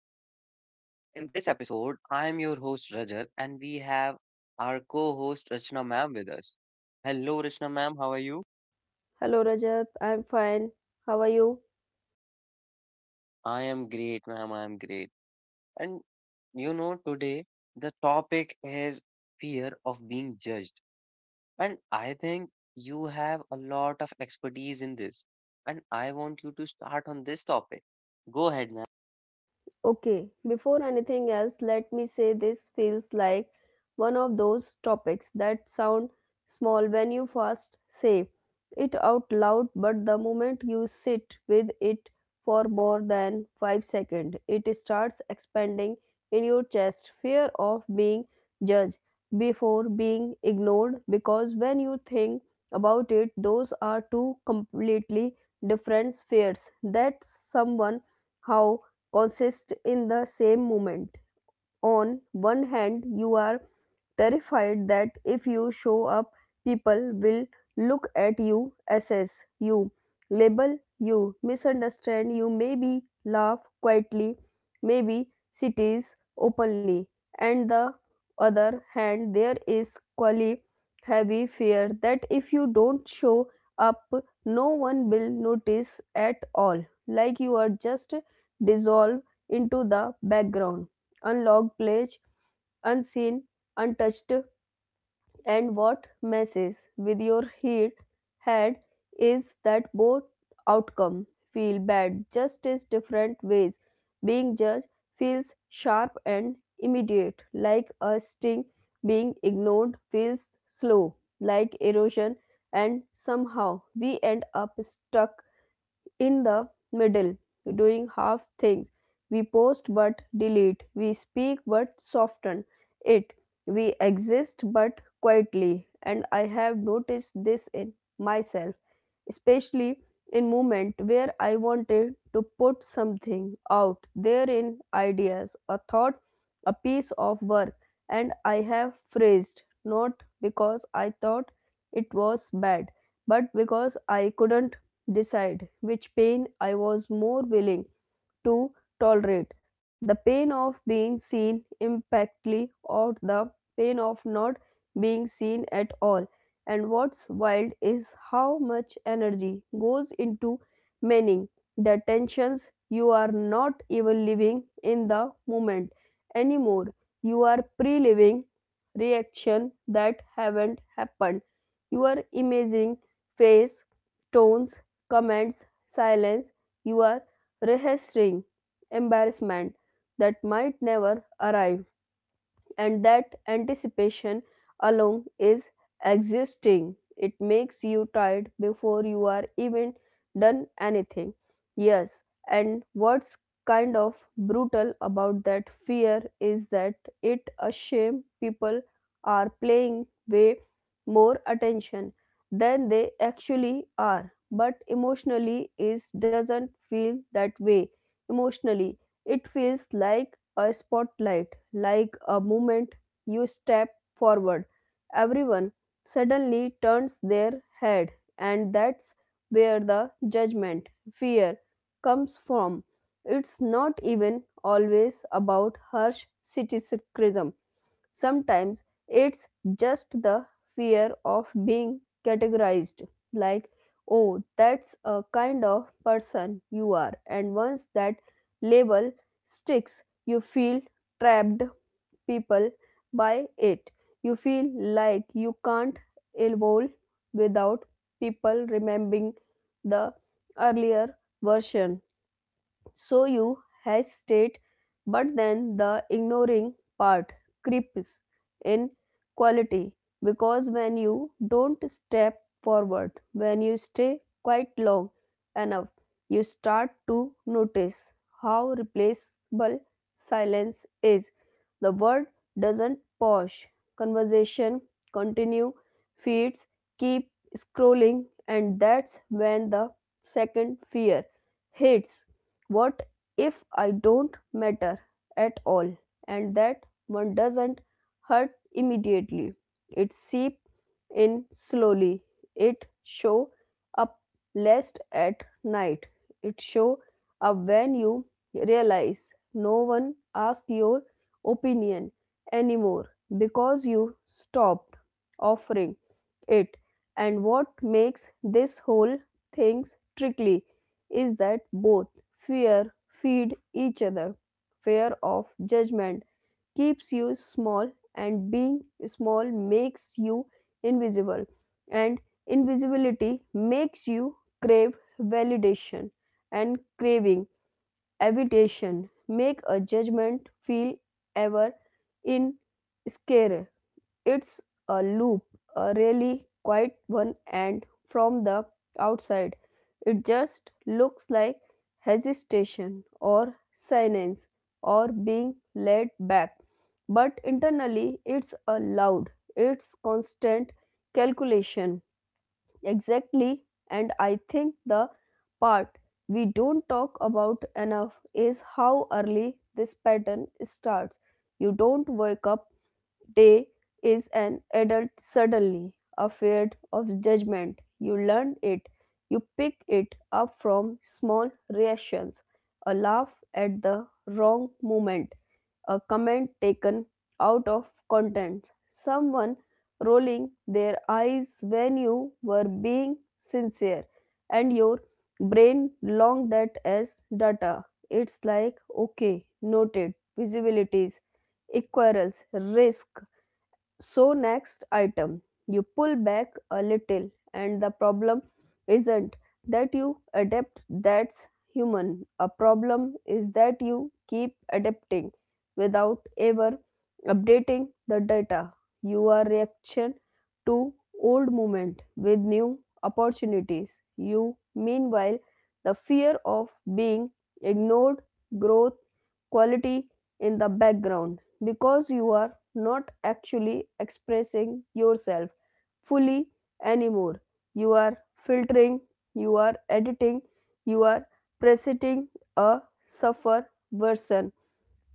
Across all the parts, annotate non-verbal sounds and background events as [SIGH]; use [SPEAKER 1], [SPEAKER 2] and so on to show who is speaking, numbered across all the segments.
[SPEAKER 1] podcast. In this episode, I'm your host Rajat, and we have our co-host Rachna ma'am with us. Hello, Rachna ma'am. How are you?
[SPEAKER 2] Hello Rajat, I'm fine. How are you?
[SPEAKER 1] I am great, ma'am. I am great. And today the topic is fear of being judged, and I think you have a lot of expertise in this, and I want you to start on this topic. Go ahead, ma'am.
[SPEAKER 2] Okay, before anything else, let me say this feels like one of those topics that sound small when you first say it out loud, but the moment you sit with it for more than 5 seconds, it starts expanding in your chest. Fear of being judged before being ignored, because when you think about it, those are two completely different spheres that someone how consist in the same movement on one hand you are terrified that if you show up people will look at you assess you label you misunderstand you maybe laugh quietly maybe cities openly and the other hand there is quali heavy fear that if you don't show up no one will notice at all like you are just dissolved into the background unlocked pledge, unseen, untouched, and what messes with your head is that both outcome feel bad just as different ways. Being judged feels sharp and immediate, like a sting. Being ignored feels slow, like erosion, and somehow we end up stuck in the middle, doing half things. We post but delete. We speak but soften it. We exist but quietly. And I have noticed this in myself, especially in moment where I wanted to put something out there in ideas, a thought, a piece of work, and I have phrased not because I thought it was bad, but because I couldn't decide which pain I was more willing to tolerate the pain of being seen impactly or the pain of not being seen at all. And what's wild is how much energy goes into manning the tensions. You are not even living in the moment anymore. You are pre living reaction that haven't happened. You are imagining face, tones, comments, silence, you are registering embarrassment that might never arrive and that anticipation alone is exhausting. It makes you tired before you are even done anything. Yes, and what's kind of brutal about that fear is that it a shame people are playing way more attention than they actually are but emotionally is doesn't feel that way emotionally it feels like a spotlight, like a moment you step forward. Everyone suddenly turns their head, and that's where the judgment, fear, comes from. It's not even always about harsh criticism. Sometimes it's just the fear of being categorized, like, oh, that's a kind of person you are. And once that label sticks, you feel trapped people by it. You feel like you can't evolve without people remembering the earlier version so you hesitate, but then the ignoring part creeps in quality because when you don't step forward, when you stay quite long enough, you start to notice how replaceable silence is. The word doesn't pause, conversation continue, feeds keep scrolling, and that's when the second fear hits what if I don't matter at all and that one doesn't hurt immediately? It seep in slowly. It show up less at night. It show up when you realize no one asked your opinion anymore because you stopped offering it. And what makes this whole thing tricky is that both fear feed each other. Fear of judgment keeps you small, and being small makes you invisible, and invisibility makes you crave validation, and craving evitation make a judgment feel ever in scare. It's a loop, a really quiet one, and from the outside, it just looks like hesitation or silence or being led back. But internally, it's a loud, it's constant calculation. Exactly. And I think the part we don't talk about enough is how early this pattern starts. You don't wake up day is an adult suddenly, afraid of judgment. You learn it. You pick it up from small reactions, a laugh at the wrong moment, a comment taken out of context, someone rolling their eyes when you were being sincere and your brain logged that as data. It's like, okay, noted, visibilities, equals, risk, so, next item, you pull back a little, and the problem isn't that you adapt, that's human. A problem is that you keep adapting without ever updating the data. You are reaction to old movement with new opportunities. You, meanwhile, the fear of being ignored, growth, quality in the background because you are not actually expressing yourself fully anymore. You are filtering, you are editing, you are presenting a suffer version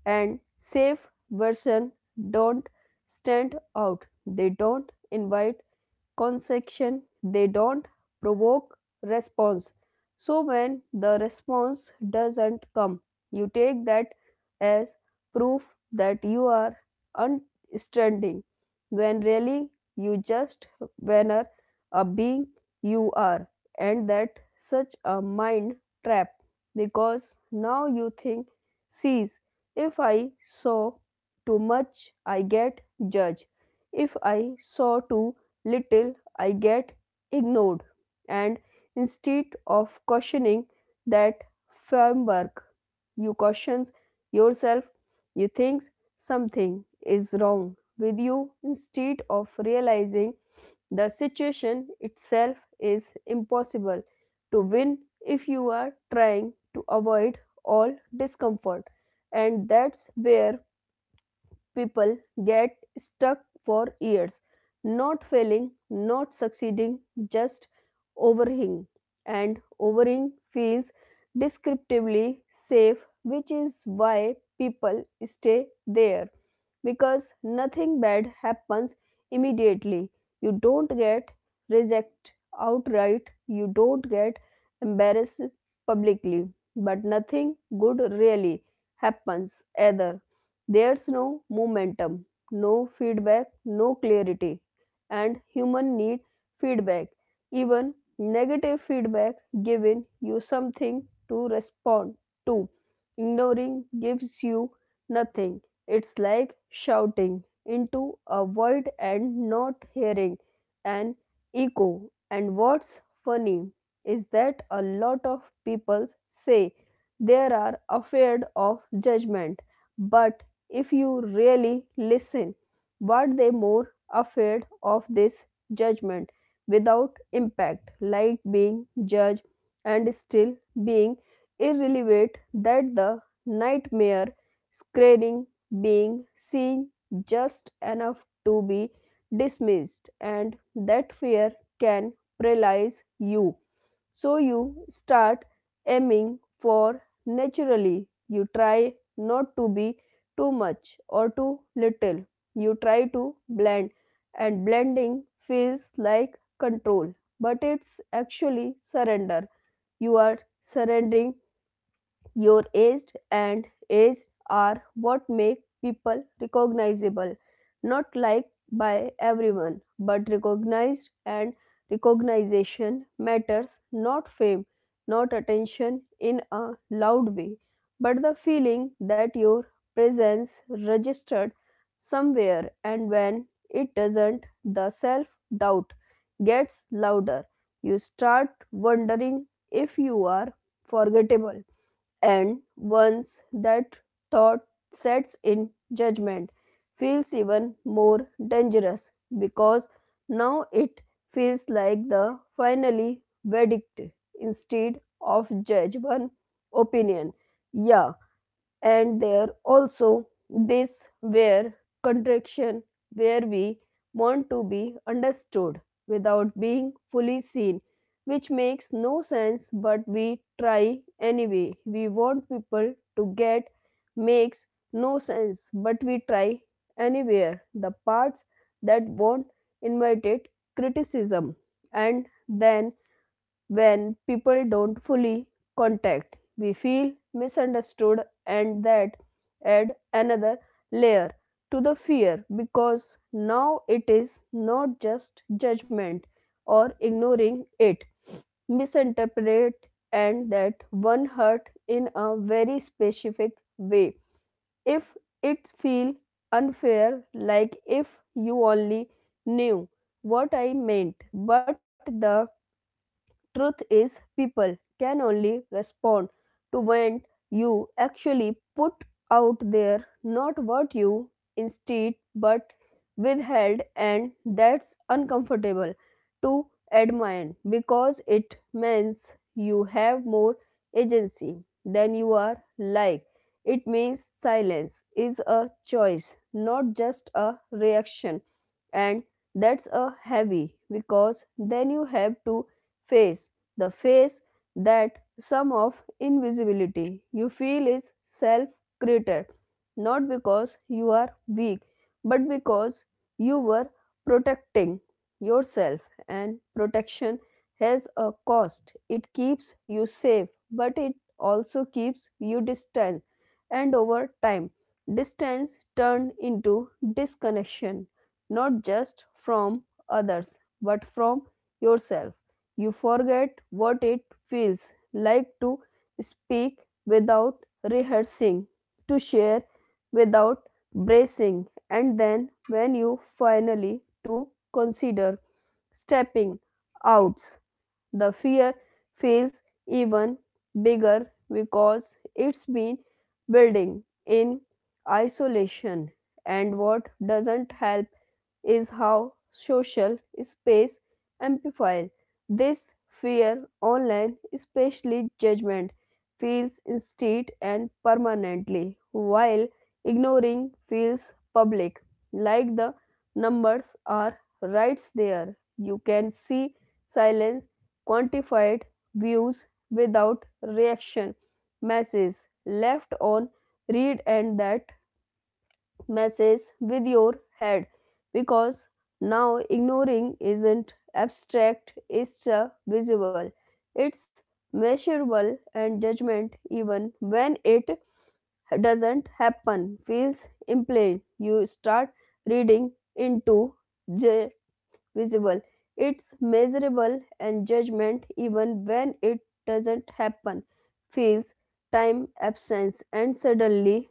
[SPEAKER 2] and safe version don't stand out. They don't invite constriction they don't provoke response so when the response doesn't come you take that as proof that you are unstranding when really you just banner a being you are and that such a mind trap because now you think sees if I saw too much I get judged if I saw too little I get ignored. And instead of questioning that framework, you question yourself, you think something is wrong with you instead of realizing the situation itself is impossible to win if you are trying to avoid all discomfort. And that's where people get stuck for years, not failing, not succeeding, just overeating. And overeating feels descriptively safe, which is why people stay there because nothing bad happens immediately. You don't get rejected outright, you don't get embarrassed publicly, but nothing good really happens either. There's no momentum, no feedback, no clarity. And human need feedback. Even negative feedback giving you something to respond to. Ignoring gives you nothing. It's like shouting into a void and not hearing an echo. And what's funny is that a lot of people say they are afraid of judgment but if you really listen, but they more afraid of this judgment without impact, like being judged and still being irrelevant that the nightmare scaring being seen just enough to be dismissed and that fear can paralyze you so you start aiming for naturally. You try not to be too much or too little. You try to blend, and blending feels like control, but it's actually surrender. You are surrendering your age and age are what make people recognizable, not liked by everyone, but recognized and recognition matters not fame, not attention in a loud way, but the feeling that your presence registered somewhere and when it doesn't, the self doubt gets louder. You start wondering if you are forgettable and once that thought sets in, judgment feels even more dangerous because now it feels like the finally verdict instead of judge one opinion. Yeah, and there also this where contraction where we want to be understood without being fully seen which makes no sense but we try anyway we want people to get makes no sense but we try anywhere the parts that won't invite it criticism and then when people don't fully contact, we feel misunderstood, and that add another layer to the fear because now it is not just judgment or ignoring it misinterpret and that one hurt in a very specific way if it feel unfair like if you only knew what I meant but the Truth is, people can only respond to when you actually put out there not what you instead but withheld, and that's uncomfortable to admire because it means you have more agency than you are like. It means silence is a choice, not just a reaction, and that's a heavy because then you have to face, the face that some of invisibility you feel is self created, not because you are weak, but because you were protecting yourself, and protection has a cost. It keeps you safe, but it also keeps you distant, and over time, distance turned into disconnection, not just from others, but from yourself. You forget what it feels like to speak without rehearsing, to share without bracing, and then when you finally to consider stepping out, the fear feels even bigger because it's been building in isolation and what doesn't help is how social space amplifies this fear online, especially judgment, feels instant and permanently, while ignoring feels public, like the numbers are right there. You can see silence, quantified views without reaction, messages left on read, and that messes with your head because now ignoring isn't abstract, it's a visual, it's measurable, and judgment, even when it doesn't happen, feels implain. You start reading into the visible, it's measurable, and judgment, even when it doesn't happen, feels time absence, and suddenly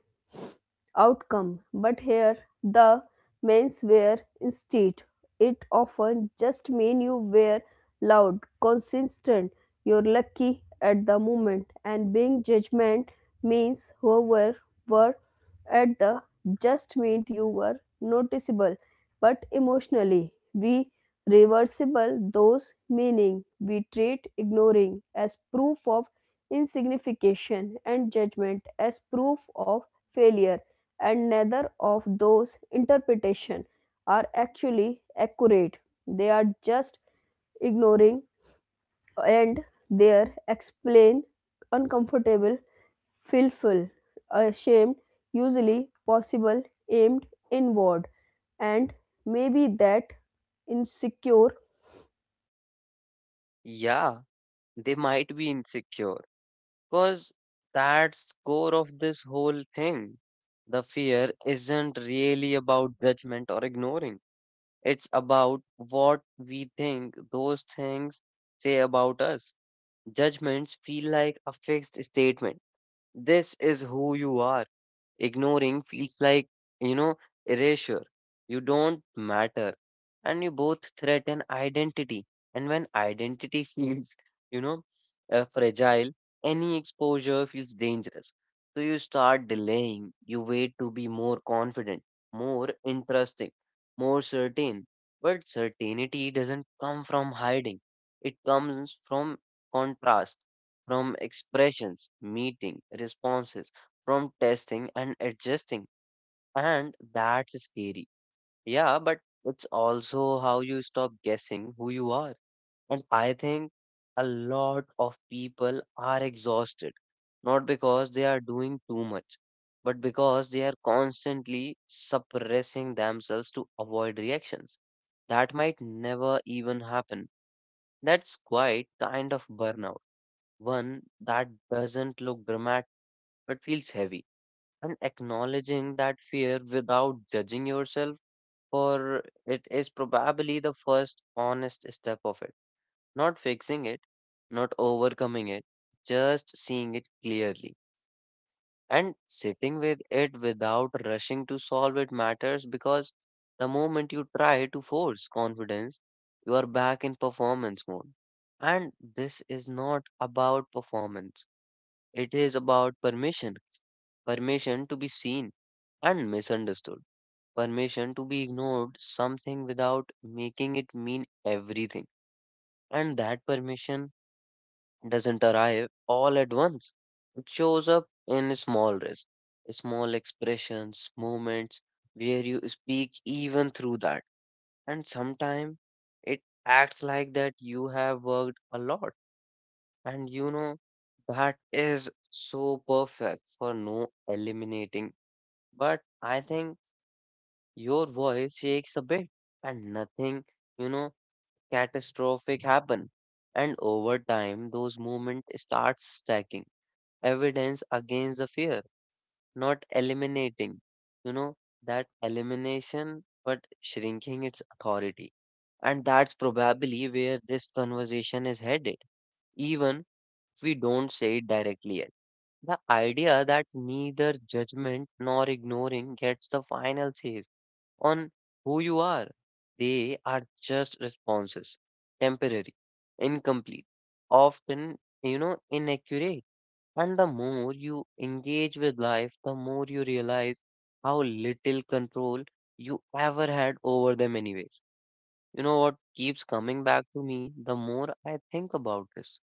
[SPEAKER 2] outcome, but here the men's wear instead. It often just mean you wear loud, consistent, you're lucky at the moment, and being judgment means whoever were at the just meant you were noticeable, but emotionally we reversible those meaning we treat ignoring as proof of insignification and judgment as proof of failure and neither of those interpretations are actually accurate. They are just ignoring and their explain uncomfortable, fearful, ashamed, usually possible, aimed inward, and maybe that insecure.
[SPEAKER 1] Yeah, they might be insecure, because that's core of this whole thing. The fear isn't really about judgment or ignoring. It's about what we think those things say about us. Judgments feel like a fixed statement. This is who you are. Ignoring feels like, you know, erasure. You don't matter. And you both threaten identity. And when identity [LAUGHS] feels, you know, fragile, any exposure feels dangerous. So you start delaying. You wait to be more confident, more interesting, more certain. But certainty doesn't come from hiding, it comes from contrast, from expressions, meeting, responses from testing and adjusting. And that's scary. Yeah, but it's also how you stop guessing who you are. And I think a lot of people are exhausted, not because they are doing too much, but because they are constantly suppressing themselves to avoid reactions that might never even happen. That's quite kind of burnout, one that doesn't look dramatic but feels heavy. And acknowledging that fear without judging yourself for it is probably the first honest step of it. Not fixing it, not overcoming it, just seeing it clearly. And sitting with it without rushing to solve it matters because the moment you try to force confidence, you are back in performance mode. And this is not about performance, it is about permission, permission to be seen and misunderstood, permission to be ignored something without making it mean everything. And that permission doesn't arrive all at once. It shows up in small risks, small expressions, moments where you speak even through that. And sometimes it acts like that you have worked a lot. And that is so perfect for no eliminating. But I think your voice shakes a bit and nothing, you know, catastrophic happen. And over time, those movements start stacking evidence against the fear, not eliminating, you know, that elimination, but shrinking its authority. And that's probably where this conversation is headed, even if we don't say it directly yet. The idea that neither judgment nor ignoring gets the final say on who you are. They are just responses, temporary, incomplete, often, inaccurate. And the more you engage with life, the more you realize how little control you ever had over them, anyways. You know what keeps coming back to me the more I think about this?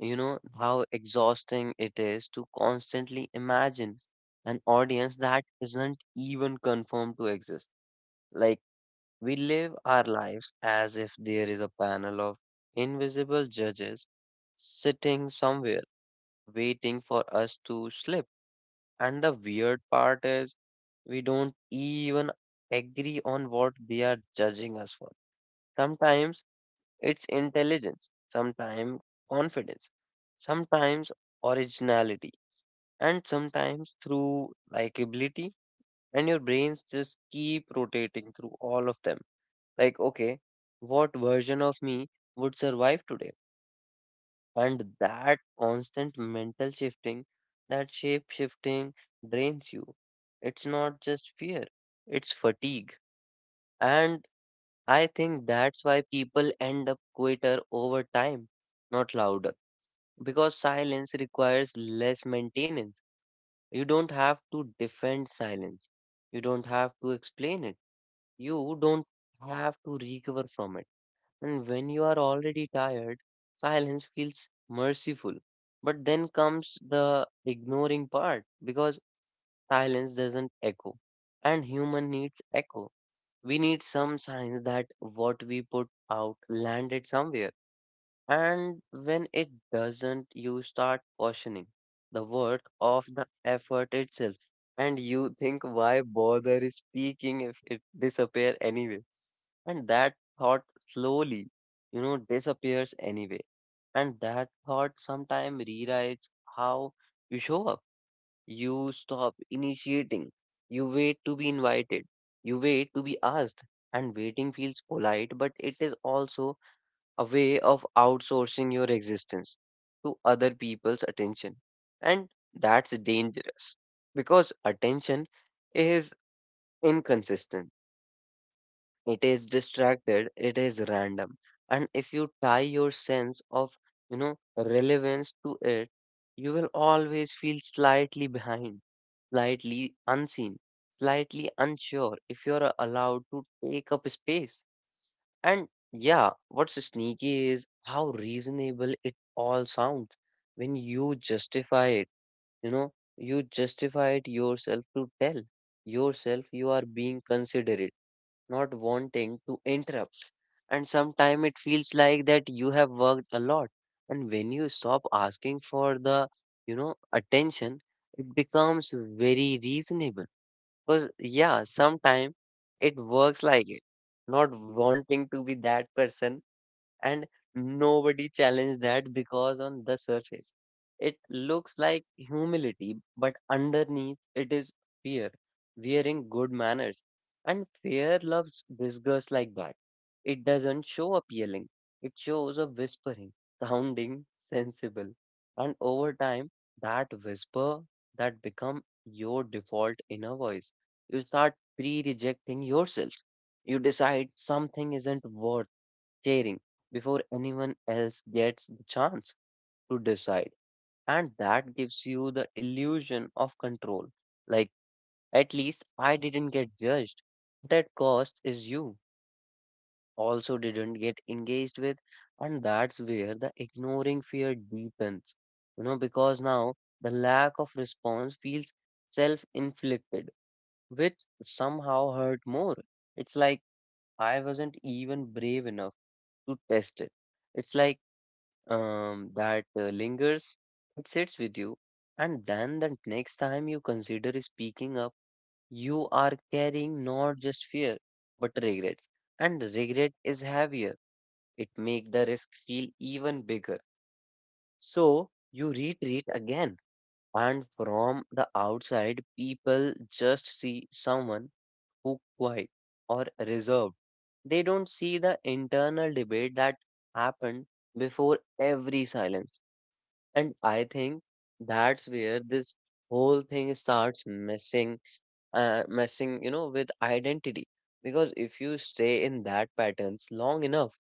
[SPEAKER 1] How exhausting it is to constantly imagine an audience that isn't even confirmed to exist. Like, we live our lives as if there is a panel of invisible judges sitting somewhere waiting for us to slip. And the weird part is, we don't even agree on what they are judging us for. Sometimes it's intelligence, sometimes confidence, sometimes originality, and sometimes through likability. And your brains just keep rotating through all of them. Like, okay, what version of me would survive today? And that constant mental shifting, that shape shifting drains you. It's not just fear, it's fatigue. And I think that's why people end up quieter over time, not louder. Because silence requires less maintenance. You don't have to defend silence. You don't have to explain it. You don't have to recover from it. And when you are already tired, silence feels merciful. But then comes the ignoring part because silence doesn't echo. And human needs echo. We need some signs that what we put out landed somewhere. And when it doesn't, you start questioning the worth of the effort itself. And you think, why bother speaking if it disappear anyway? And that thought slowly, disappears anyway. And that thought sometimes rewrites how you show up. You stop initiating. You wait to be invited. You wait to be asked. And waiting feels polite, but it is also a way of outsourcing your existence to other people's attention. And that's dangerous because attention is inconsistent, it is distracted, it is random, and if you tie your sense of relevance to it, you will always feel slightly behind, slightly unseen, slightly unsure if you are allowed to take up space. And yeah, what's sneaky is how reasonable it all sounds when you justify it. You justify it yourself to tell yourself you are being considerate, not wanting to interrupt. And sometimes it feels like that you have worked a lot. And when you stop asking for the attention, it becomes very reasonable. Because, yeah, sometimes it works like it. Not wanting to be that person, and nobody challenged that because on the surface it looks like humility but underneath it is fear wearing good manners. And fear loves disgust like that, it doesn't show up yelling. It shows up whispering, sounding sensible, and over time that whisper, that become your default inner voice. You start pre-rejecting yourself. You decide something isn't worth caring before anyone else gets the chance to decide. And that gives you the illusion of control. Like, at least I didn't get judged. That cost is you also didn't get engaged with. And that's where the ignoring fear deepens. Because now the lack of response feels self inflicted, which somehow hurt more. It's like I wasn't even brave enough to test it. It's like that lingers, it sits with you. And then the next time you consider speaking up, you are carrying not just fear, but regrets. And regret is heavier. It makes the risk feel even bigger. So you retreat again. And from the outside, people just see someone who quiet or reserved. They don't see the internal debate that happened before every silence. And I think that's where this whole thing starts messing with identity. Because if you stay in that patterns long enough,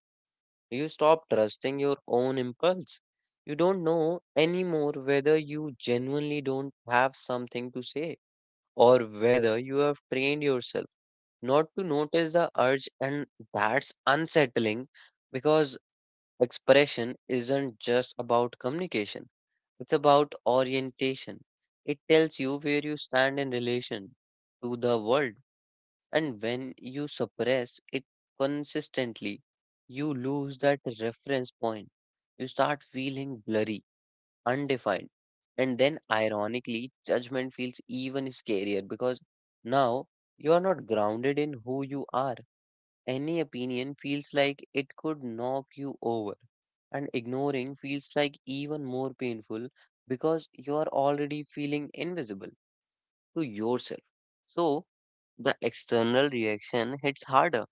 [SPEAKER 1] you stop trusting your own impulse. You don't know anymore whether you genuinely don't have something to say or whether you have trained yourself not to notice the urge, and that's unsettling because expression isn't just about communication, it's about orientation. It tells you where you stand in relation to the world, and when you suppress it consistently, you lose that reference point. You start feeling blurry, undefined, and then ironically, judgment feels even scarier because now you are not grounded in who you are. Any opinion feels like it could knock you over, and ignoring feels like even more painful because you are already feeling invisible to yourself. So, the external reaction hits harder.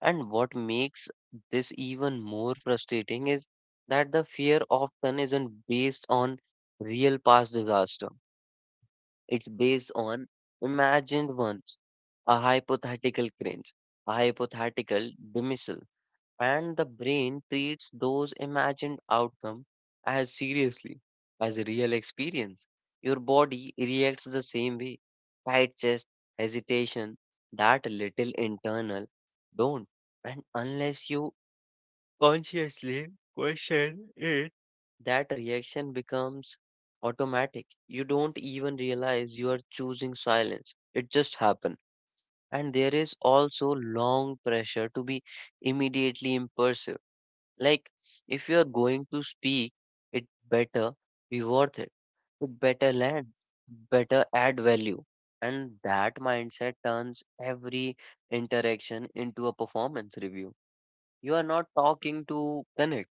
[SPEAKER 1] And what makes this even more frustrating is that the fear often isn't based on real past disaster, it's based on imagined ones, a hypothetical cringe, a hypothetical dismissal, and the brain treats those imagined outcomes as seriously as a real experience. Your body reacts the same way. Tight chest, hesitation, that little internal don't. And unless you consciously question it, that reaction becomes automatic. You don't even realize you are choosing silence. It just happens. And there is also long pressure to be immediately impulsive, like if you're going to speak, it better be worth it. It better land, better add value. And that mindset turns every interaction into a performance review. You are not talking to connect.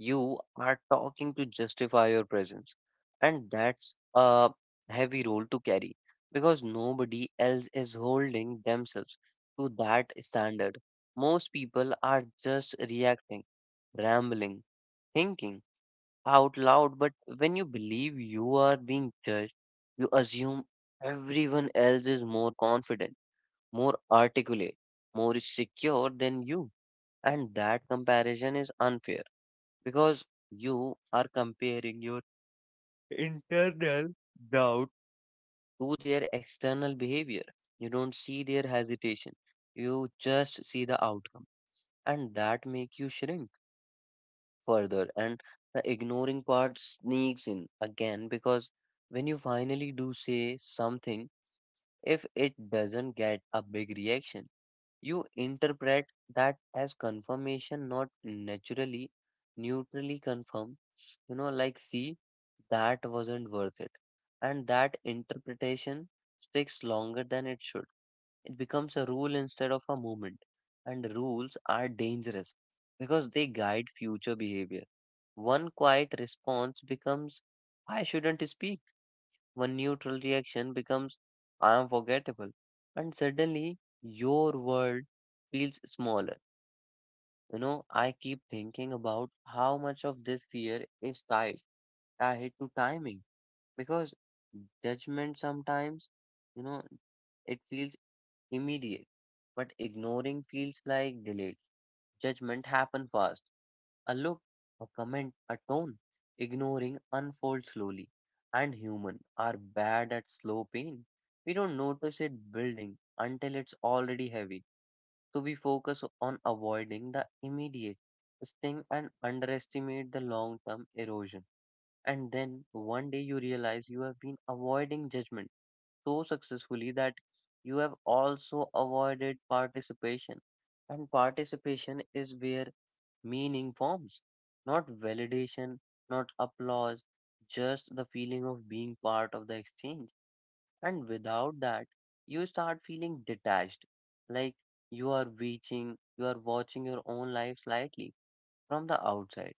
[SPEAKER 1] You are talking to justify your presence. And that's a heavy role to carry because nobody else is holding themselves to that standard. Most people are just reacting, rambling, thinking out loud. But when you believe you are being judged, you assume everyone else is more confident, more articulate, more secure than you. And that comparison is unfair because you are comparing your internal doubt to their external behavior. You don't see their hesitation. You just see the outcome, and that make you shrink further. And the ignoring part sneaks in again because when you finally do say something, if it doesn't get a big reaction, you interpret that as confirmation, not naturally, neutrally confirmed. Like see that wasn't worth it. And that interpretation sticks longer than it should. It becomes a rule instead of a movement. And rules are dangerous because they guide future behavior. One quiet response becomes, I shouldn't speak. One neutral reaction becomes, I am forgettable. And suddenly, your world feels smaller. You know, I keep thinking about how much of this fear is tied, tied to timing because judgment sometimes, you know, it feels immediate, but ignoring feels like delayed. Judgment happen fast. A look, a comment, a tone. Ignoring unfolds slowly. And human are bad at slow pain. We don't notice it building until it's already heavy. So we focus on avoiding the immediate sting and underestimate the long-term erosion. And then one day you realize you have been avoiding judgment so successfully that you have also avoided participation. And participation is where meaning forms, not validation, not applause, just the feeling of being part of the exchange. And without that, you start feeling detached, like you are reaching, you are watching your own life slightly from the outside,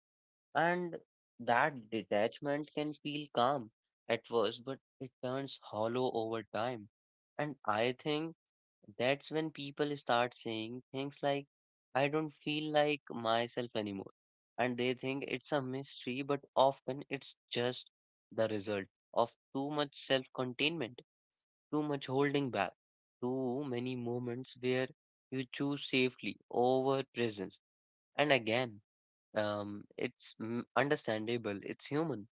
[SPEAKER 1] and that detachment can feel calm at first, but it turns hollow over time. And I think that's when people start saying things like, I don't feel like myself anymore. And they think it's a mystery, but often it's just the result of too much self containment, too much holding back, too many moments where you choose safely over presence. And again, it's understandable, it's human,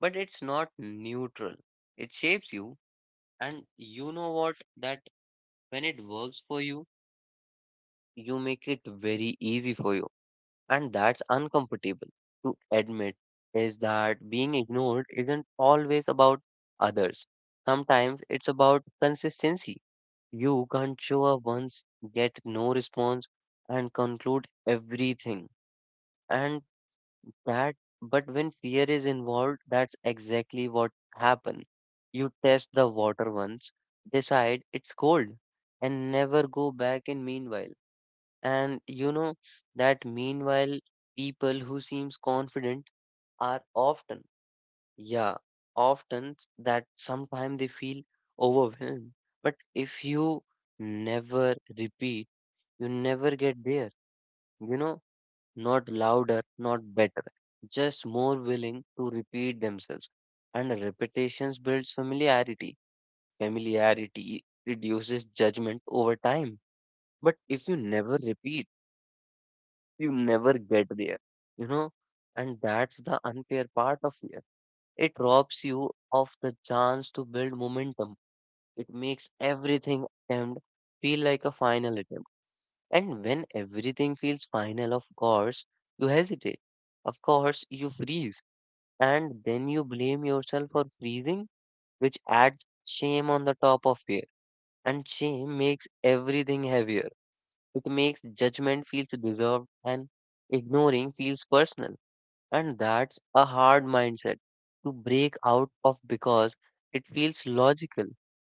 [SPEAKER 1] but it's not neutral. It shapes you, and you know what? That when it works for you, you make it very easy for you, and that's uncomfortable to admit. Is that being ignored isn't always about others. Sometimes it's about consistency. You can't show up once, get no response, and conclude everything. And that, but when fear is involved, that's exactly what happen. You test the water once, decide it's cold, and never go back. In meanwhile. And you know that meanwhile, people who seems confident are often, yeah, often that sometimes they feel overwhelmed. But if you never repeat, you never get there. You know, not louder, not better, just more willing to repeat themselves. And repetitions builds familiarity. Familiarity reduces judgment over time. But if you never repeat, you never get there, you know? And that's the unfair part of fear. It robs you of the chance to build momentum. It makes everything attempt feel like a final attempt. And when everything feels final, of course, you hesitate. Of course, you freeze. And then you blame yourself for freezing, which adds shame on the top of fear. And shame makes everything heavier. It makes judgment feels deserved and ignoring feels personal. And that's a hard mindset to break out of because it feels logical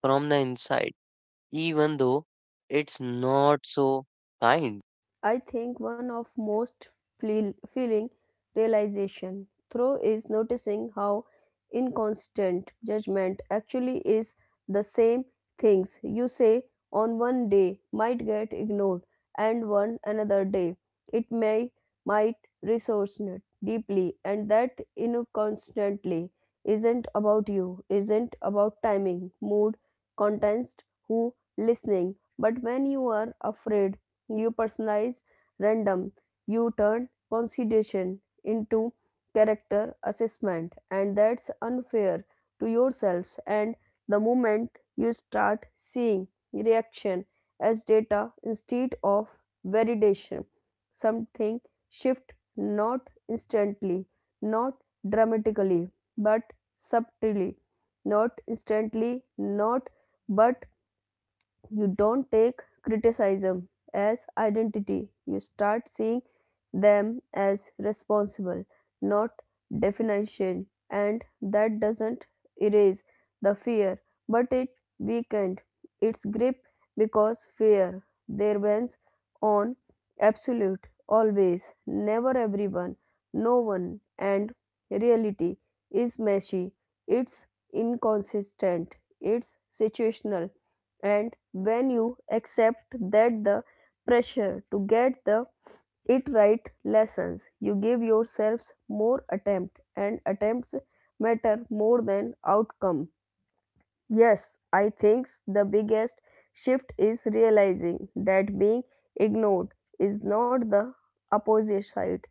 [SPEAKER 1] from the inside, even though it's not so kind.
[SPEAKER 2] I think one of most feeling realization through is noticing how inconstant judgment actually is. The same things you say on one day might get ignored and one another day it may might resonate deeply, and that inconstantly isn't about you, isn't about timing, mood, context, who listening, but when you are afraid, new personalized random, you turn consideration into character assessment, and that's unfair to yourselves. And the moment you start seeing reaction as data instead of validation, something shift, not instantly, not dramatically, but subtly, not instantly not but you don't take criticism as identity, you start seeing them as responsible, not definition, and that doesn't erase the fear, but it weakened its grip because fear there bends on absolute, always, never, everyone, no one, and reality is messy, it's inconsistent, it's situational, and when you accept that the pressure to get the it right lessons, you give yourselves more attempt, and attempts matter more than outcome. Yes, I think the biggest shift is realizing that being ignored is not the opposite side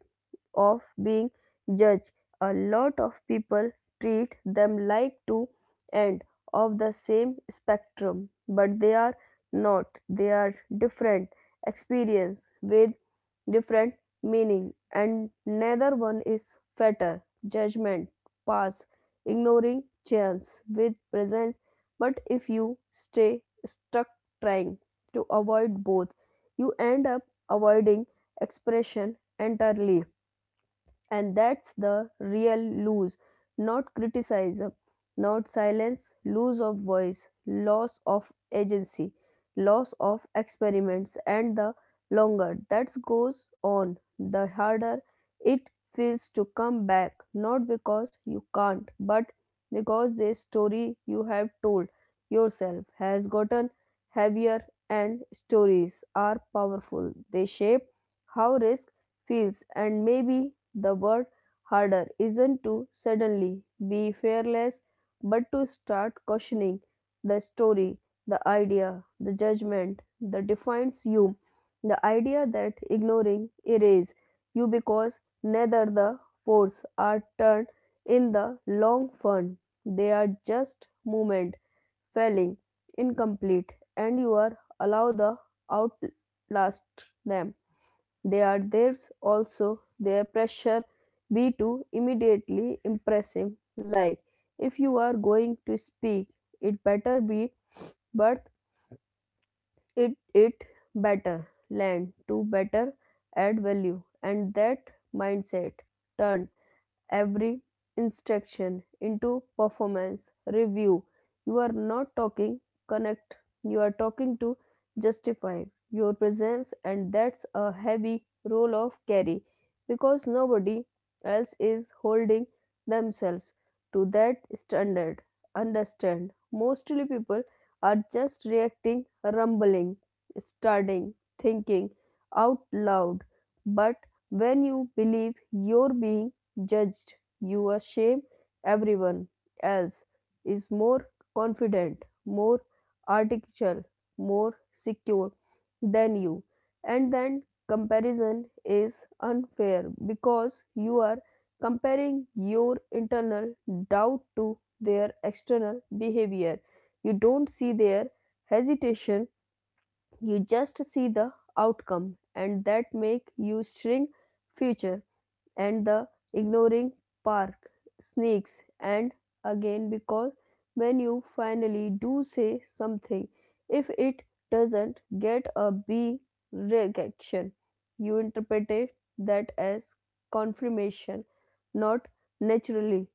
[SPEAKER 2] of being judged. A lot of people treat them like two ends of the same spectrum, but they are not. They are different experience with different meaning, and neither one is fatal. Judgment, pass, ignoring chance with presence. But if you stay stuck trying to avoid both, you end up avoiding expression entirely. And that's the real lose, not criticism, not silence, lose of voice, loss of agency, loss of experiments, and the longer that goes on, the harder it feels to come back, not because you can't, but because the story you have told yourself has gotten heavier, and stories are powerful. They shape how risk feels, and maybe the word harder isn't to suddenly be fearless, but to start questioning the story, the idea, the judgment that defines you, the idea that ignoring erases you, because neither the force are turned in the long fun. They are just movement, failing, incomplete, and you are allow the outlast them. They are theirs also their pressure be to immediately impressive, like if you are going to speak it better be, but it better land to better add value, and that mindset turned every instruction into performance review. You are not talking connect, you are talking to justify your presence, and that's a heavy role of carry because nobody else is holding themselves to that standard. Understand mostly people are just reacting, rumbling, starting, thinking out loud, but when you believe your being judged, you assume everyone else is more confident, more artificial, more secure than you. And then comparison is unfair because you are comparing your internal doubt to their external behavior. You don't see their hesitation, you just see the outcome, and that make you shrink future. And the ignoring park sneaks and again because when you finally do say something, if it doesn't get a b reaction, you interpret it that as confirmation, not naturally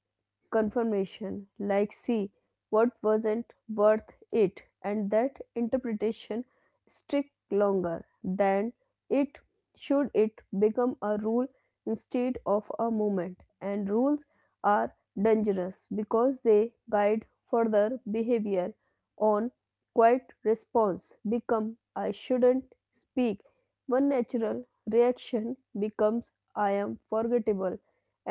[SPEAKER 2] confirmation, like, see, what wasn't worth it, and that interpretation stick longer than it should. It become a rule instead of a movement. And rules are dangerous because they guide further behavior. On quiet response become I shouldn't speak. One natural reaction becomes I am forgettable,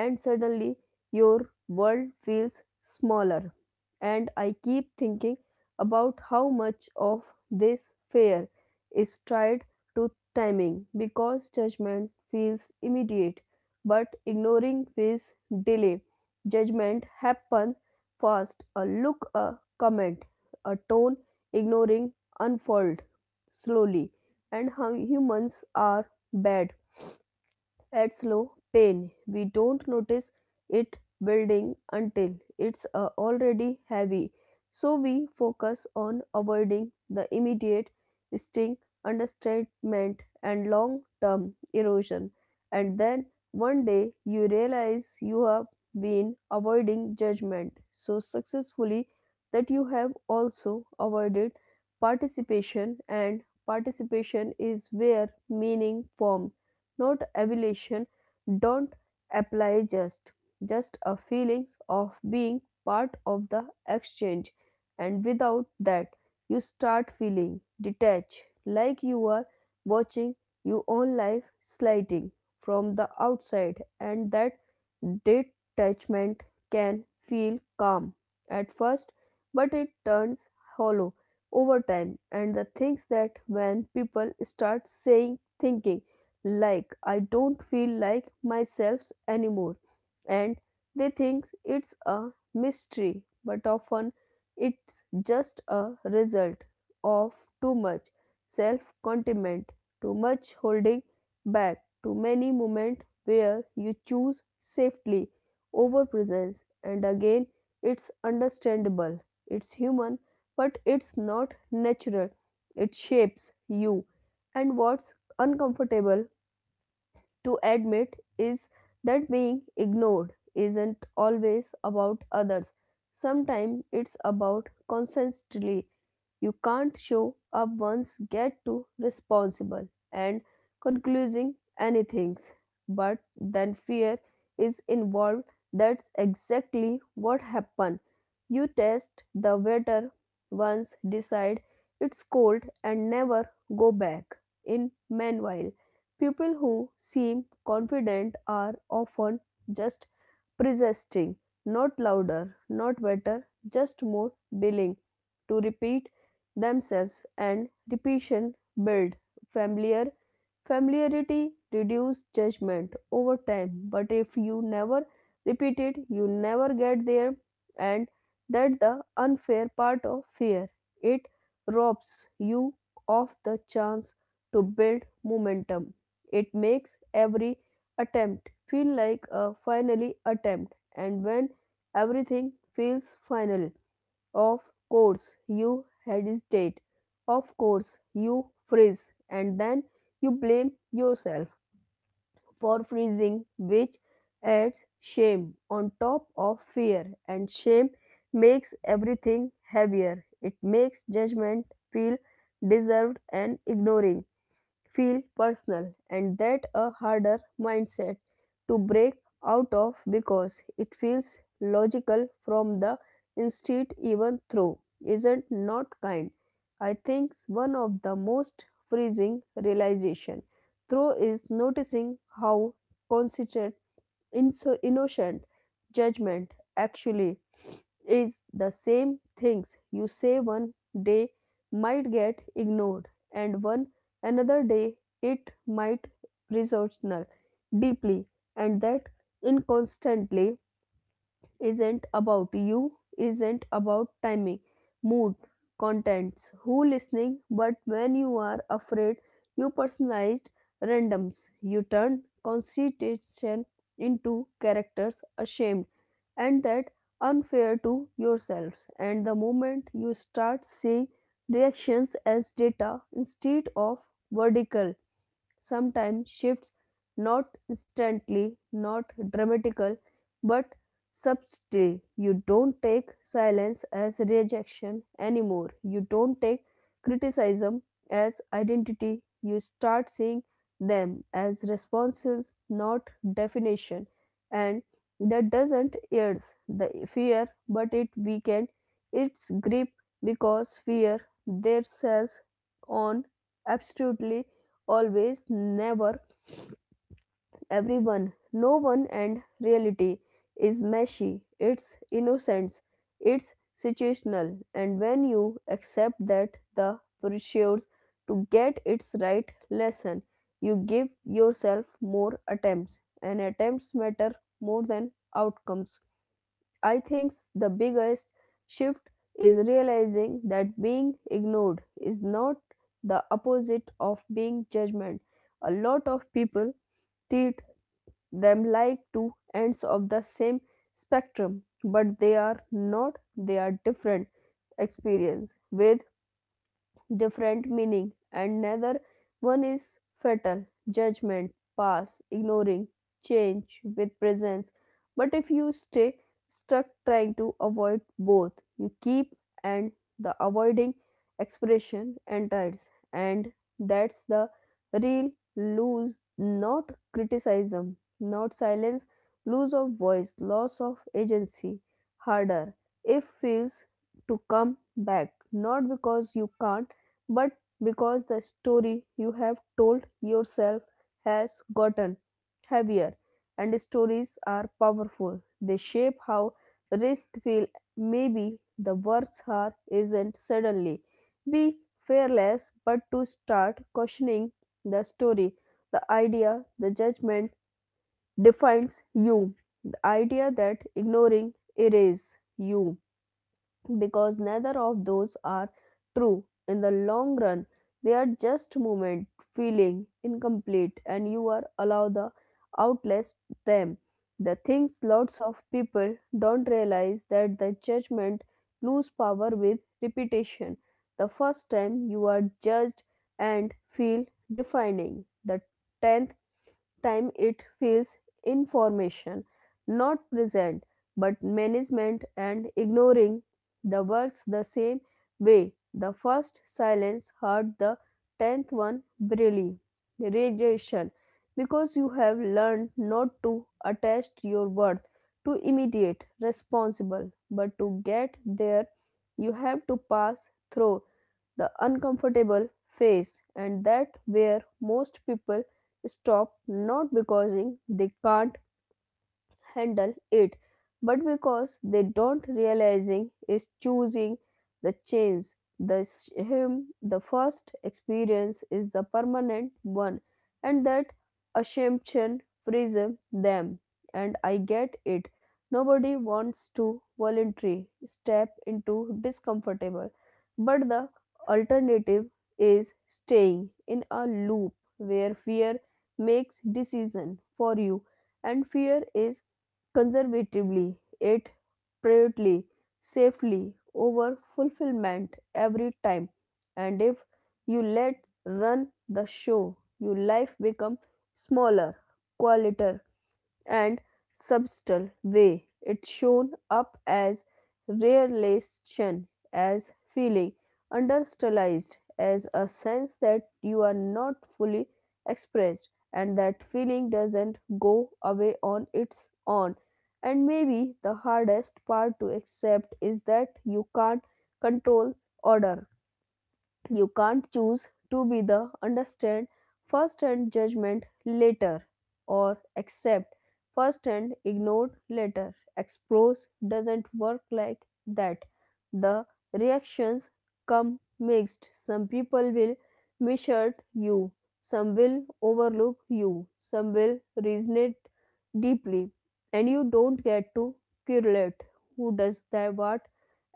[SPEAKER 2] and suddenly your world feels smaller. And I keep thinking about how much of this fear is tied to timing because judgment feels immediate, but ignoring feels delay. Judgment happens fast. A look, a comment, a tone, ignoring unfold slowly. And how humans are bad at slow pain, we don't notice it building until it's already heavy. So we focus on avoiding the immediate sting, understatement, and long term erosion. And then one day you realize you have been avoiding judgment so successfully that you have also avoided participation, and participation is where meaning forms, not evaluation, don't apply, just a feelings of being part of the exchange. And without that you start feeling detached, like you are watching your own life sliding from the outside, and that detachment can feel calm at first, but it turns hollow over time. And the things that when people start saying thinking like I don't feel like myself anymore. And they think it's a mystery, but often it's just a result of too much self contentment, too much holding back, too many moments where you choose safely over presence. And again, it's understandable, it's human, but it's not natural. It shapes you. And what's uncomfortable to admit is that being ignored isn't always about others. Sometimes it's about constantly. You can't show up once, get too responsible and concluding anything. But then fear is involved. That's exactly what happened. You test the water once, decide it's cold, and never go back. In meanwhile, people who seem confident are often just persisting, not louder, not better, just more willing to repeat themselves, and repetition build familiar familiarity reduce judgment over time, but if you never repeat it, you never get there. And that's the unfair part of fear. It robs you of the chance to build momentum. It makes every attempt feel like a finally attempt, and when everything feels final, of course you hesitate, of course you freeze, and then you blame yourself for freezing, which adds shame on top of fear, and shame makes everything heavier. It makes judgment feel deserved and ignoring feel personal, and that a harder mindset to break out of because it feels logical from the instinct, even though isn't not kind. I think one of the most freezing realization through is noticing how consistent innocent judgment actually is. The same things you say one day might get ignored, and one another day it might resonate deeply, and that inconstantly isn't about you, isn't about timing, mood, contents, who listening, but when you are afraid, you personalized randoms. You turn constitution into characters ashamed, and that unfair to yourselves. And the moment you start seeing reactions as data instead of vertical, sometimes shifts, not instantly, not dramatical, but subtly. You don't take silence as rejection anymore. You don't take criticism as identity. You start seeing them as responses, not definition. And that doesn't ease the fear, but it weakens its grip because fear their cells on absolutely, always, never, everyone, no one, and reality is meshy, it's innocence, it's situational, and when you accept that, the pursues to get its right lesson, you give yourself more attempts, and attempts matter more than outcomes. I think the biggest shift is realizing that being ignored is not the opposite of being judgment. A lot of people treat them like two ends of the same spectrum, but they are not, they are different experience with different meaning, and neither one is fatal. Judgment pass, ignoring change with presence, but if you stay stuck trying to avoid both, you keep, and the avoiding expression enters, and that's the real lose, not criticism, not silence, lose of voice, loss of agency, harder if feels to come back, not because you can't, but because the story you have told yourself has gotten heavier, and stories are powerful, they shape how risk feel. Maybe the words are isn't suddenly be fearless, but to start questioning the story, the idea, the judgment defines you, the idea that ignoring erase you, because neither of those are true in the long run. They are just moment, feeling, incomplete, and you are allowed the outlast them. The things lots of people don't realize that the judgment lose power with repetition. The first time you are judged and feel defining, the 10th time it feels information, not present, but management. And ignoring the works the same way. The first silence heard, the tenth one brilliantly. Radiation. Because you have learned not to attach your worth to immediate responsible, but to get there, you have to pass through the uncomfortable phase, and that where most people stop, not because they can't handle it, but because they don't realizing is choosing the change the him, the first experience is the permanent one, and that assumption frees them. And I get it, nobody wants to voluntarily step into discomfortable, but the alternative is staying in a loop where fear makes decision for you, and fear is conservatively, yet privately, safely, over fulfillment every time. And if you let run the show, your life become smaller, quieter, and subtle way. It's shown up as relation, as feeling, understylized as a sense that you are not fully expressed, and that feeling doesn't go away on its own. And maybe the hardest part to accept is that you can't control order. You can't choose to be the understand first and judgment later, or accept first and ignored later. Expose doesn't work like that. The reactions come mixed. Some people will measure you, some will overlook you, some will resonate deeply, and you don't get to correlate who does that what.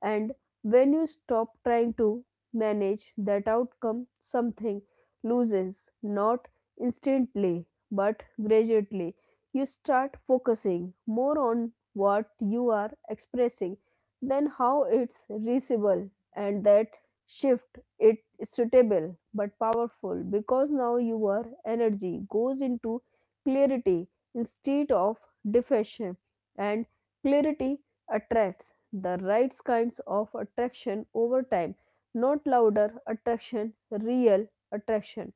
[SPEAKER 2] And when you stop trying to manage that outcome, something loses, not instantly, but gradually. You start focusing more on what you are expressing than how it's reachable, and that shift it is suitable but powerful because now your energy goes into clarity instead of defection, and clarity attracts the right kinds of attraction over time, not louder attraction, real attraction.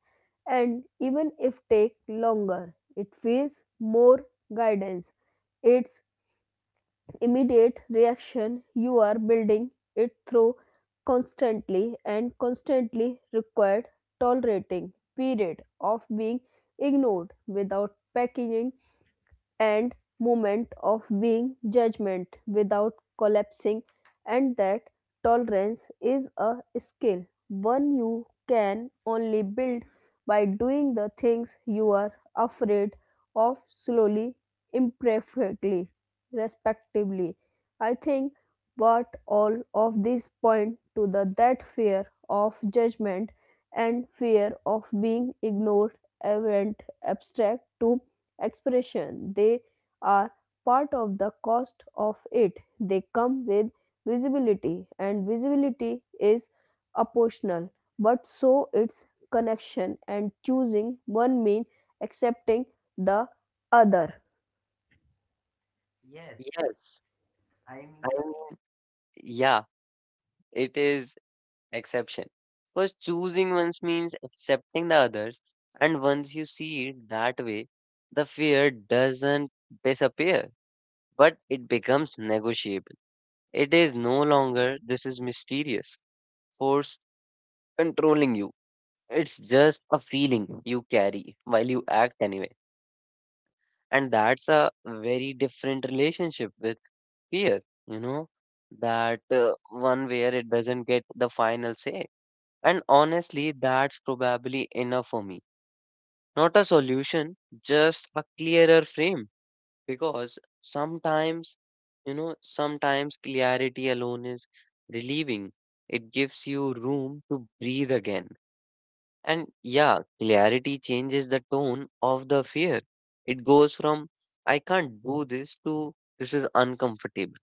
[SPEAKER 2] And even if take longer, it feels more guidance. It's immediate reaction, you are building it through constantly, and constantly required tolerating period of being ignored without packaging, and moment of being judgment without collapsing, and that tolerance is a skill, one you can only build by doing the things you are afraid of slowly, imperfectly, respectively. I think what all of these point to the that fear of judgment and fear of being ignored event abstract to expression. They are part of the cost of it. They come with visibility, and visibility is optional, but so its connection, and choosing one mean accepting the other.
[SPEAKER 1] Yes. I mean, yeah, it is exception. Because choosing ones means accepting the others, and once you see it that way, the fear doesn't disappear, but it becomes negotiable. It is no longer this is mysterious force controlling you. It's just a feeling you carry while you act anyway. And that's a very different relationship with fear, you know, that one where it doesn't get the final say. And honestly, that's probably enough for me. Not a solution, just a clearer frame. Because sometimes, you know, sometimes clarity alone is relieving. It gives you room to breathe again. And yeah, clarity changes the tone of the fear. It goes from, I can't do this to, this is uncomfortable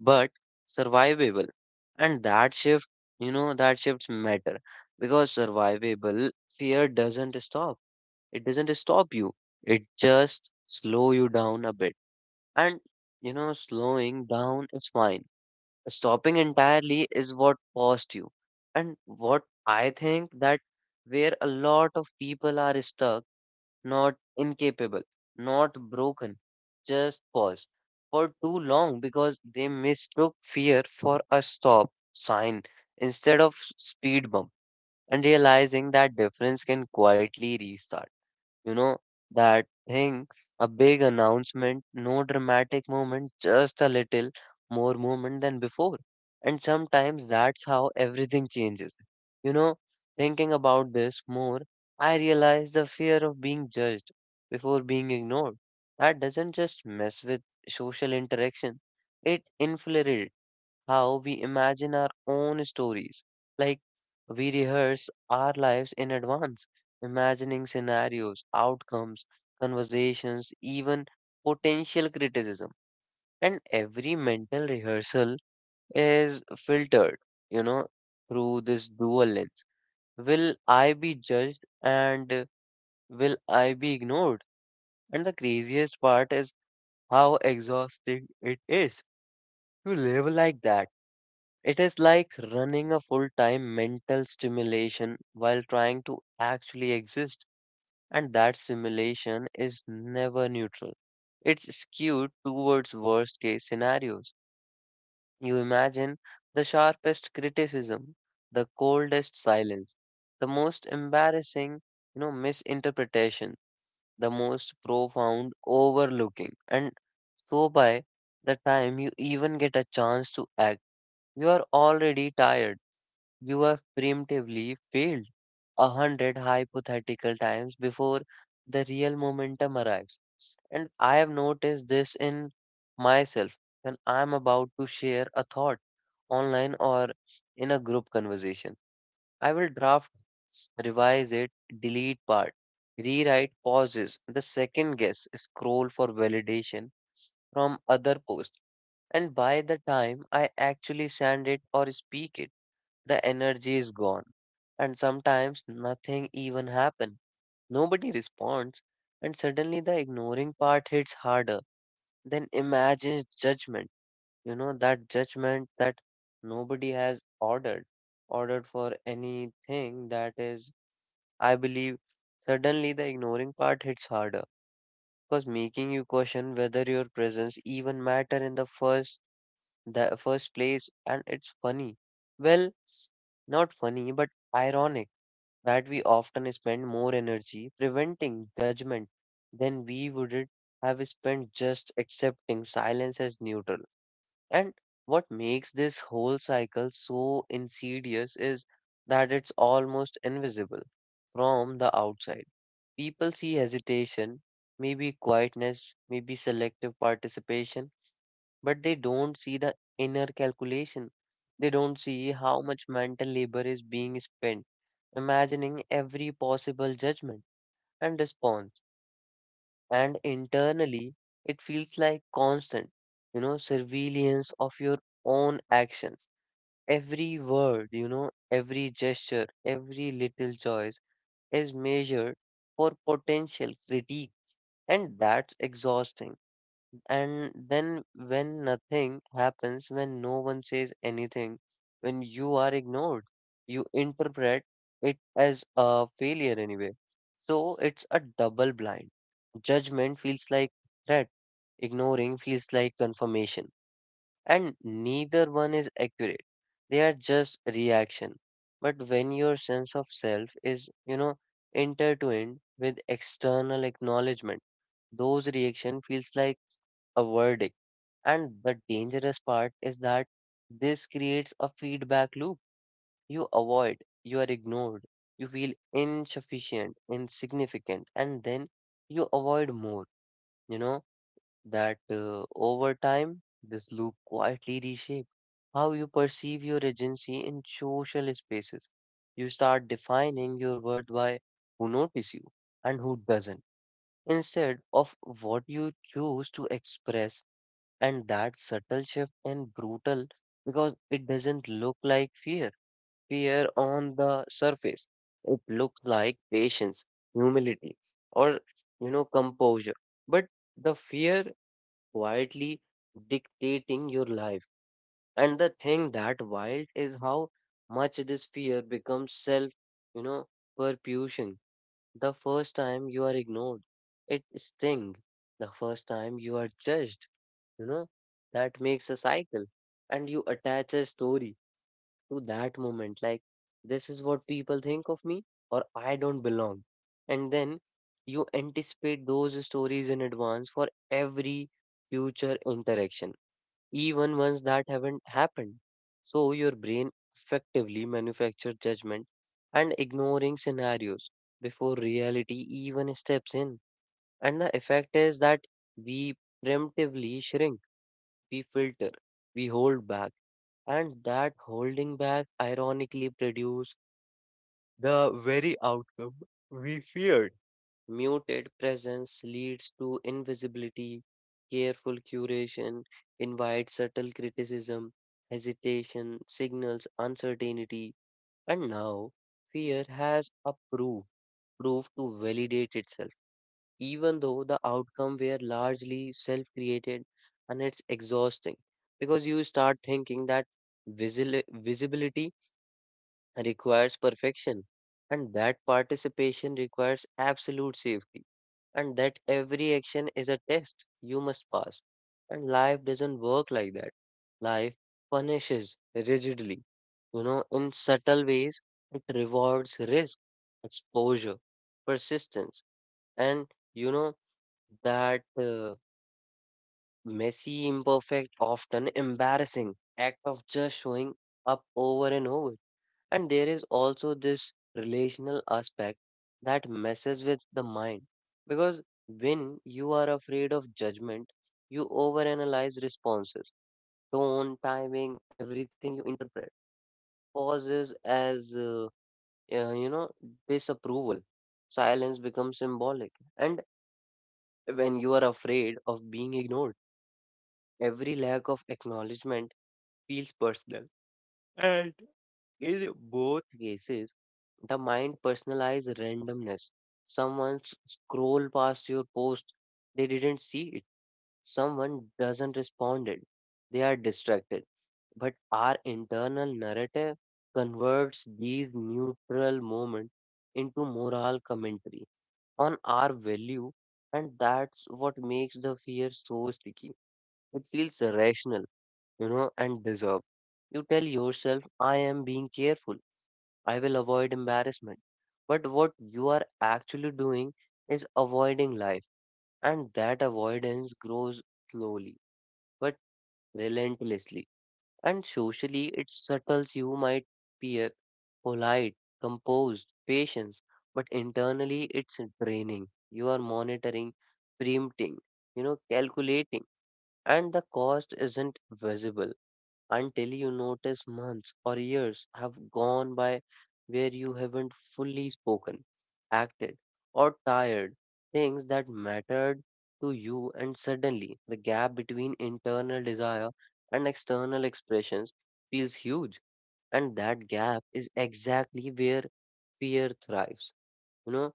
[SPEAKER 1] but survivable. And that shift, you know, that shifts matter because survivable fear doesn't stop. It doesn't stop you. It just slow you down a bit. And you know, slowing down is fine. Stopping entirely is what cost you. And what I think that where a lot of people are stuck, not incapable, not broken, just pause for too long because they mistook fear for a stop sign instead of speed bump, and realizing that difference can quietly restart. You know, that thing, a big announcement, no dramatic moment, just a little more movement than before. And sometimes that's how everything changes. You know, thinking about this more, I realize the fear of being judged before being ignored. That doesn't just mess with social interaction, it infiltrates how we imagine our own stories. Like, we rehearse our lives in advance, imagining scenarios, outcomes, conversations, even potential criticism. And every mental rehearsal is filtered, you know, through this dual lens. Will I be judged and will I be ignored? And the craziest part is how exhausting it is to live like that. It is like running a full time mental stimulation while trying to actually exist, and that stimulation is never neutral. It's skewed towards worst case scenarios. You imagine the sharpest criticism, the coldest silence, the most embarrassing, you know, misinterpretation, the most profound overlooking. And so by the time you even get a chance to act, you are already tired. You have preemptively failed a hundred hypothetical times before the real momentum arrives. And I have noticed this in myself when I'm about to share a thought online or in a group conversation. I will draft, revise it, delete part, rewrite pauses, the second guess, scroll for validation from other posts. And by the time I actually send it or speak it, the energy is gone. And sometimes nothing even happens. Nobody responds. And suddenly the ignoring part hits harder. Then imagine judgment. You know, that judgment that nobody has ordered for anything that is, I believe, suddenly the ignoring part hits harder because making you question whether your presence even matter in the first place. And it's funny. Well, not funny but ironic, that we often spend more energy preventing judgment than we would have spent just accepting silence as neutral. And what makes this whole cycle so insidious is that it's almost invisible from the outside. People see hesitation, maybe quietness, maybe selective participation, but they don't see the inner calculation. They don't see how much mental labor is being spent imagining every possible judgment and response. And internally, it feels like constant, you know, surveillance of your own actions. Every word, you know, every gesture, every little choice is measured for potential critique, and that's exhausting. And then when nothing happens, when no one says anything, when you are ignored, you interpret it as a failure anyway. So it's a double blind. Judgment feels like threat, ignoring feels like confirmation, and neither one is accurate. They are just reaction. But when your sense of self is, you know, intertwined with external acknowledgement, those reaction feels like a verdict. And the dangerous part is that this creates a feedback loop. You avoid, you are ignored, you feel insufficient, insignificant, and then you avoid more, you know that over time, this loop quietly reshapes how you perceive your agency in social spaces. You start defining your worth by who notices you and who doesn't, instead of what you choose to express. And that subtle shift and brutal because it doesn't look like fear. Fear on the surface, it looks like patience, humility, or you know, composure. But the fear quietly dictating your life. And the thing that wild is how much this fear becomes self, you know, perfusion. The first time you are ignored, it stings. The first time you are judged, you know, that makes a cycle. And you attach a story to that moment, like this is what people think of me, or I don't belong. And then you anticipate those stories in advance for every future interaction, even ones that haven't happened. So your brain effectively manufactures judgment and ignoring scenarios before reality even steps in. And the effect is that we preemptively shrink, we filter, we hold back. And that holding back ironically produce the very outcome we feared. Muted presence leads to invisibility, careful curation invites subtle criticism, hesitation signals uncertainty, and now fear has a proof, proof to validate itself, even though the outcome were largely self created. And it's exhausting because you start thinking that visibility requires perfection, and that participation requires absolute safety, and that every action is a test you must pass. And life doesn't work like that. Life punishes rigidly, you know, in subtle ways. It rewards risk, exposure, persistence, and you know that messy, imperfect, often embarrassing act of just showing up over and over. And there is also this relational aspect that messes with the mind because when you are afraid of judgment, you overanalyze responses, tone, timing, everything you interpret. Pauses as, you know, disapproval. Silence becomes symbolic. And when you are afraid of being ignored, every lack of acknowledgement feels personal. And in both cases, the mind personalizes randomness. Someone scroll past your post, they didn't see it. Someone doesn't respond it. They are distracted. But our internal narrative converts these neutral moments into moral commentary on our value, and that's what makes the fear so sticky. It feels rational, you know, and deserved. You tell yourself, I am being careful. I will avoid embarrassment. But what you are actually doing is avoiding life, and that avoidance grows slowly but relentlessly. And socially, it settles. You might appear polite, composed, patient, but internally, it's draining. You are monitoring, preempting, you know, calculating, and the cost isn't visible until you notice months or years have gone by where you haven't fully spoken, acted, or tired things that mattered to you, and suddenly the gap between internal desire and external expressions feels huge. And that gap is exactly where fear thrives. You know,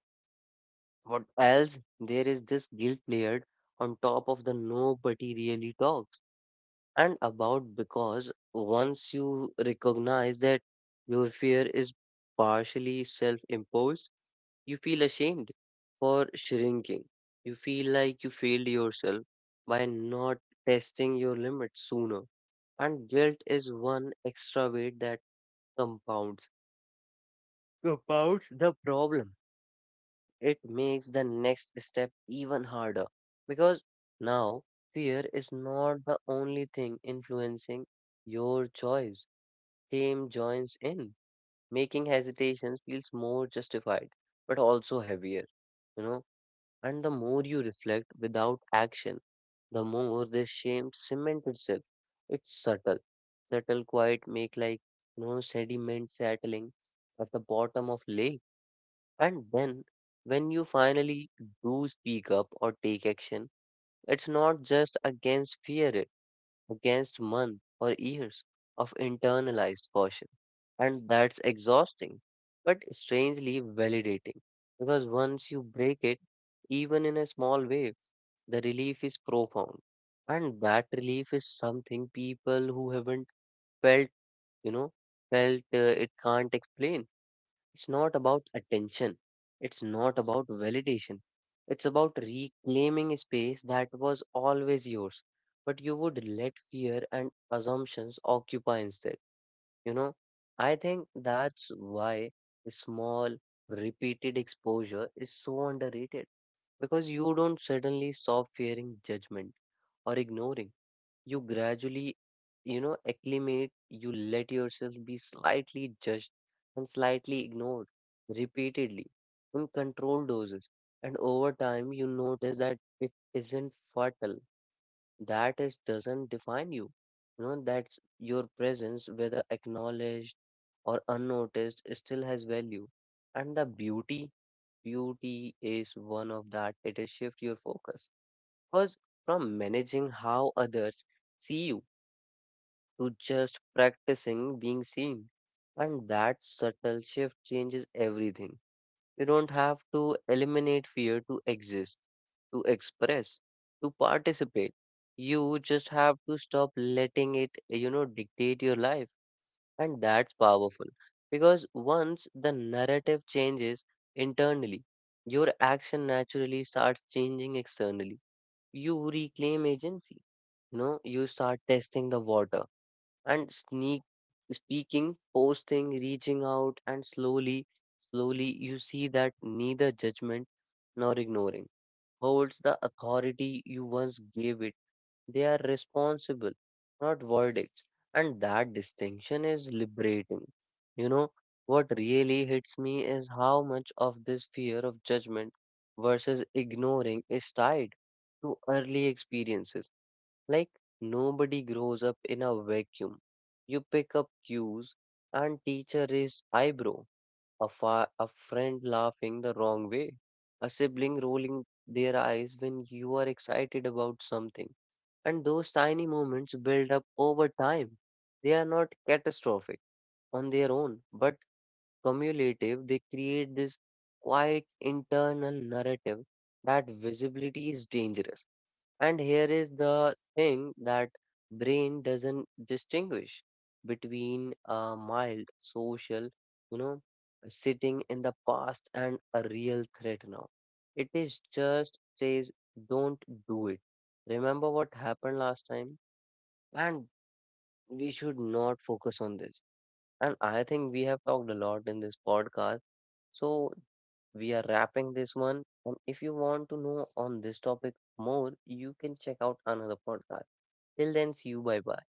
[SPEAKER 1] what else? There is this guilt layered on top of the nobody really talks and about because once you recognize that your fear is partially self imposed, you feel ashamed for shrinking. You feel like you failed yourself by not testing your limits sooner. And guilt is one extra weight that compounds. Compounds the problem. It makes the next step even harder because now fear is not the only thing influencing your choice. Shame joins in, making hesitation feels more justified, but also heavier, you know. And the more you reflect without action, the more this shame cements itself. It's subtle, subtle, quiet, make like no sediment settling at the bottom of lake. And then, when you finally do speak up or take action, it's not just against fear; against months or years of internalized caution. And that's exhausting, but strangely validating. Because once you break it, even in a small way, the relief is profound. And that relief is something people who haven't felt, you know, felt it can't explain. It's not about attention. It's not about validation. It's about reclaiming a space that was always yours, but you would let fear and assumptions occupy instead. You know, I think that's why small, repeated exposure is so underrated because you don't suddenly stop fearing judgment or ignoring you gradually, acclimate, you let yourself be slightly judged and slightly ignored repeatedly in controlled doses. And over time, you notice that it isn't fatal. That is doesn't define you. You know, that's your presence, whether acknowledged or unnoticed, still has value. And the beauty, beauty is one of that. It is shift your focus. Because from managing how others see you to just practicing being seen. And that subtle shift changes everything. You don't have to eliminate fear to exist, to express, to participate. You just have to stop letting it dictate your life. And that's powerful. Because once the narrative changes internally, your action naturally starts changing externally. You reclaim agency. You know, you start testing the water and sneak speaking, posting, reaching out, and slowly, slowly you see that neither judgment nor ignoring holds the authority you once gave it. They are responsible, not verdicts. And that distinction is liberating. You know, what really hits me is how much of this fear of judgment versus ignoring is tied to early experiences like nobody grows up in a vacuum. You pick up cues and teacher raised eyebrow, a friend laughing the wrong way, a sibling rolling their eyes when you are excited about something. And those tiny moments build up over time. They are not catastrophic on their own, but cumulative, they create this quiet internal narrative that visibility is dangerous and here is the thing that brain doesn't distinguish between a mild social, you know, sitting in the past and a real threat now. It is just says don't do it. Remember what happened last time and we should not focus on this. And I think we have talked a lot in this podcast. So we are wrapping this one. And if you want to know on this topic more, you can check out another podcast. Till then, see you. Bye bye.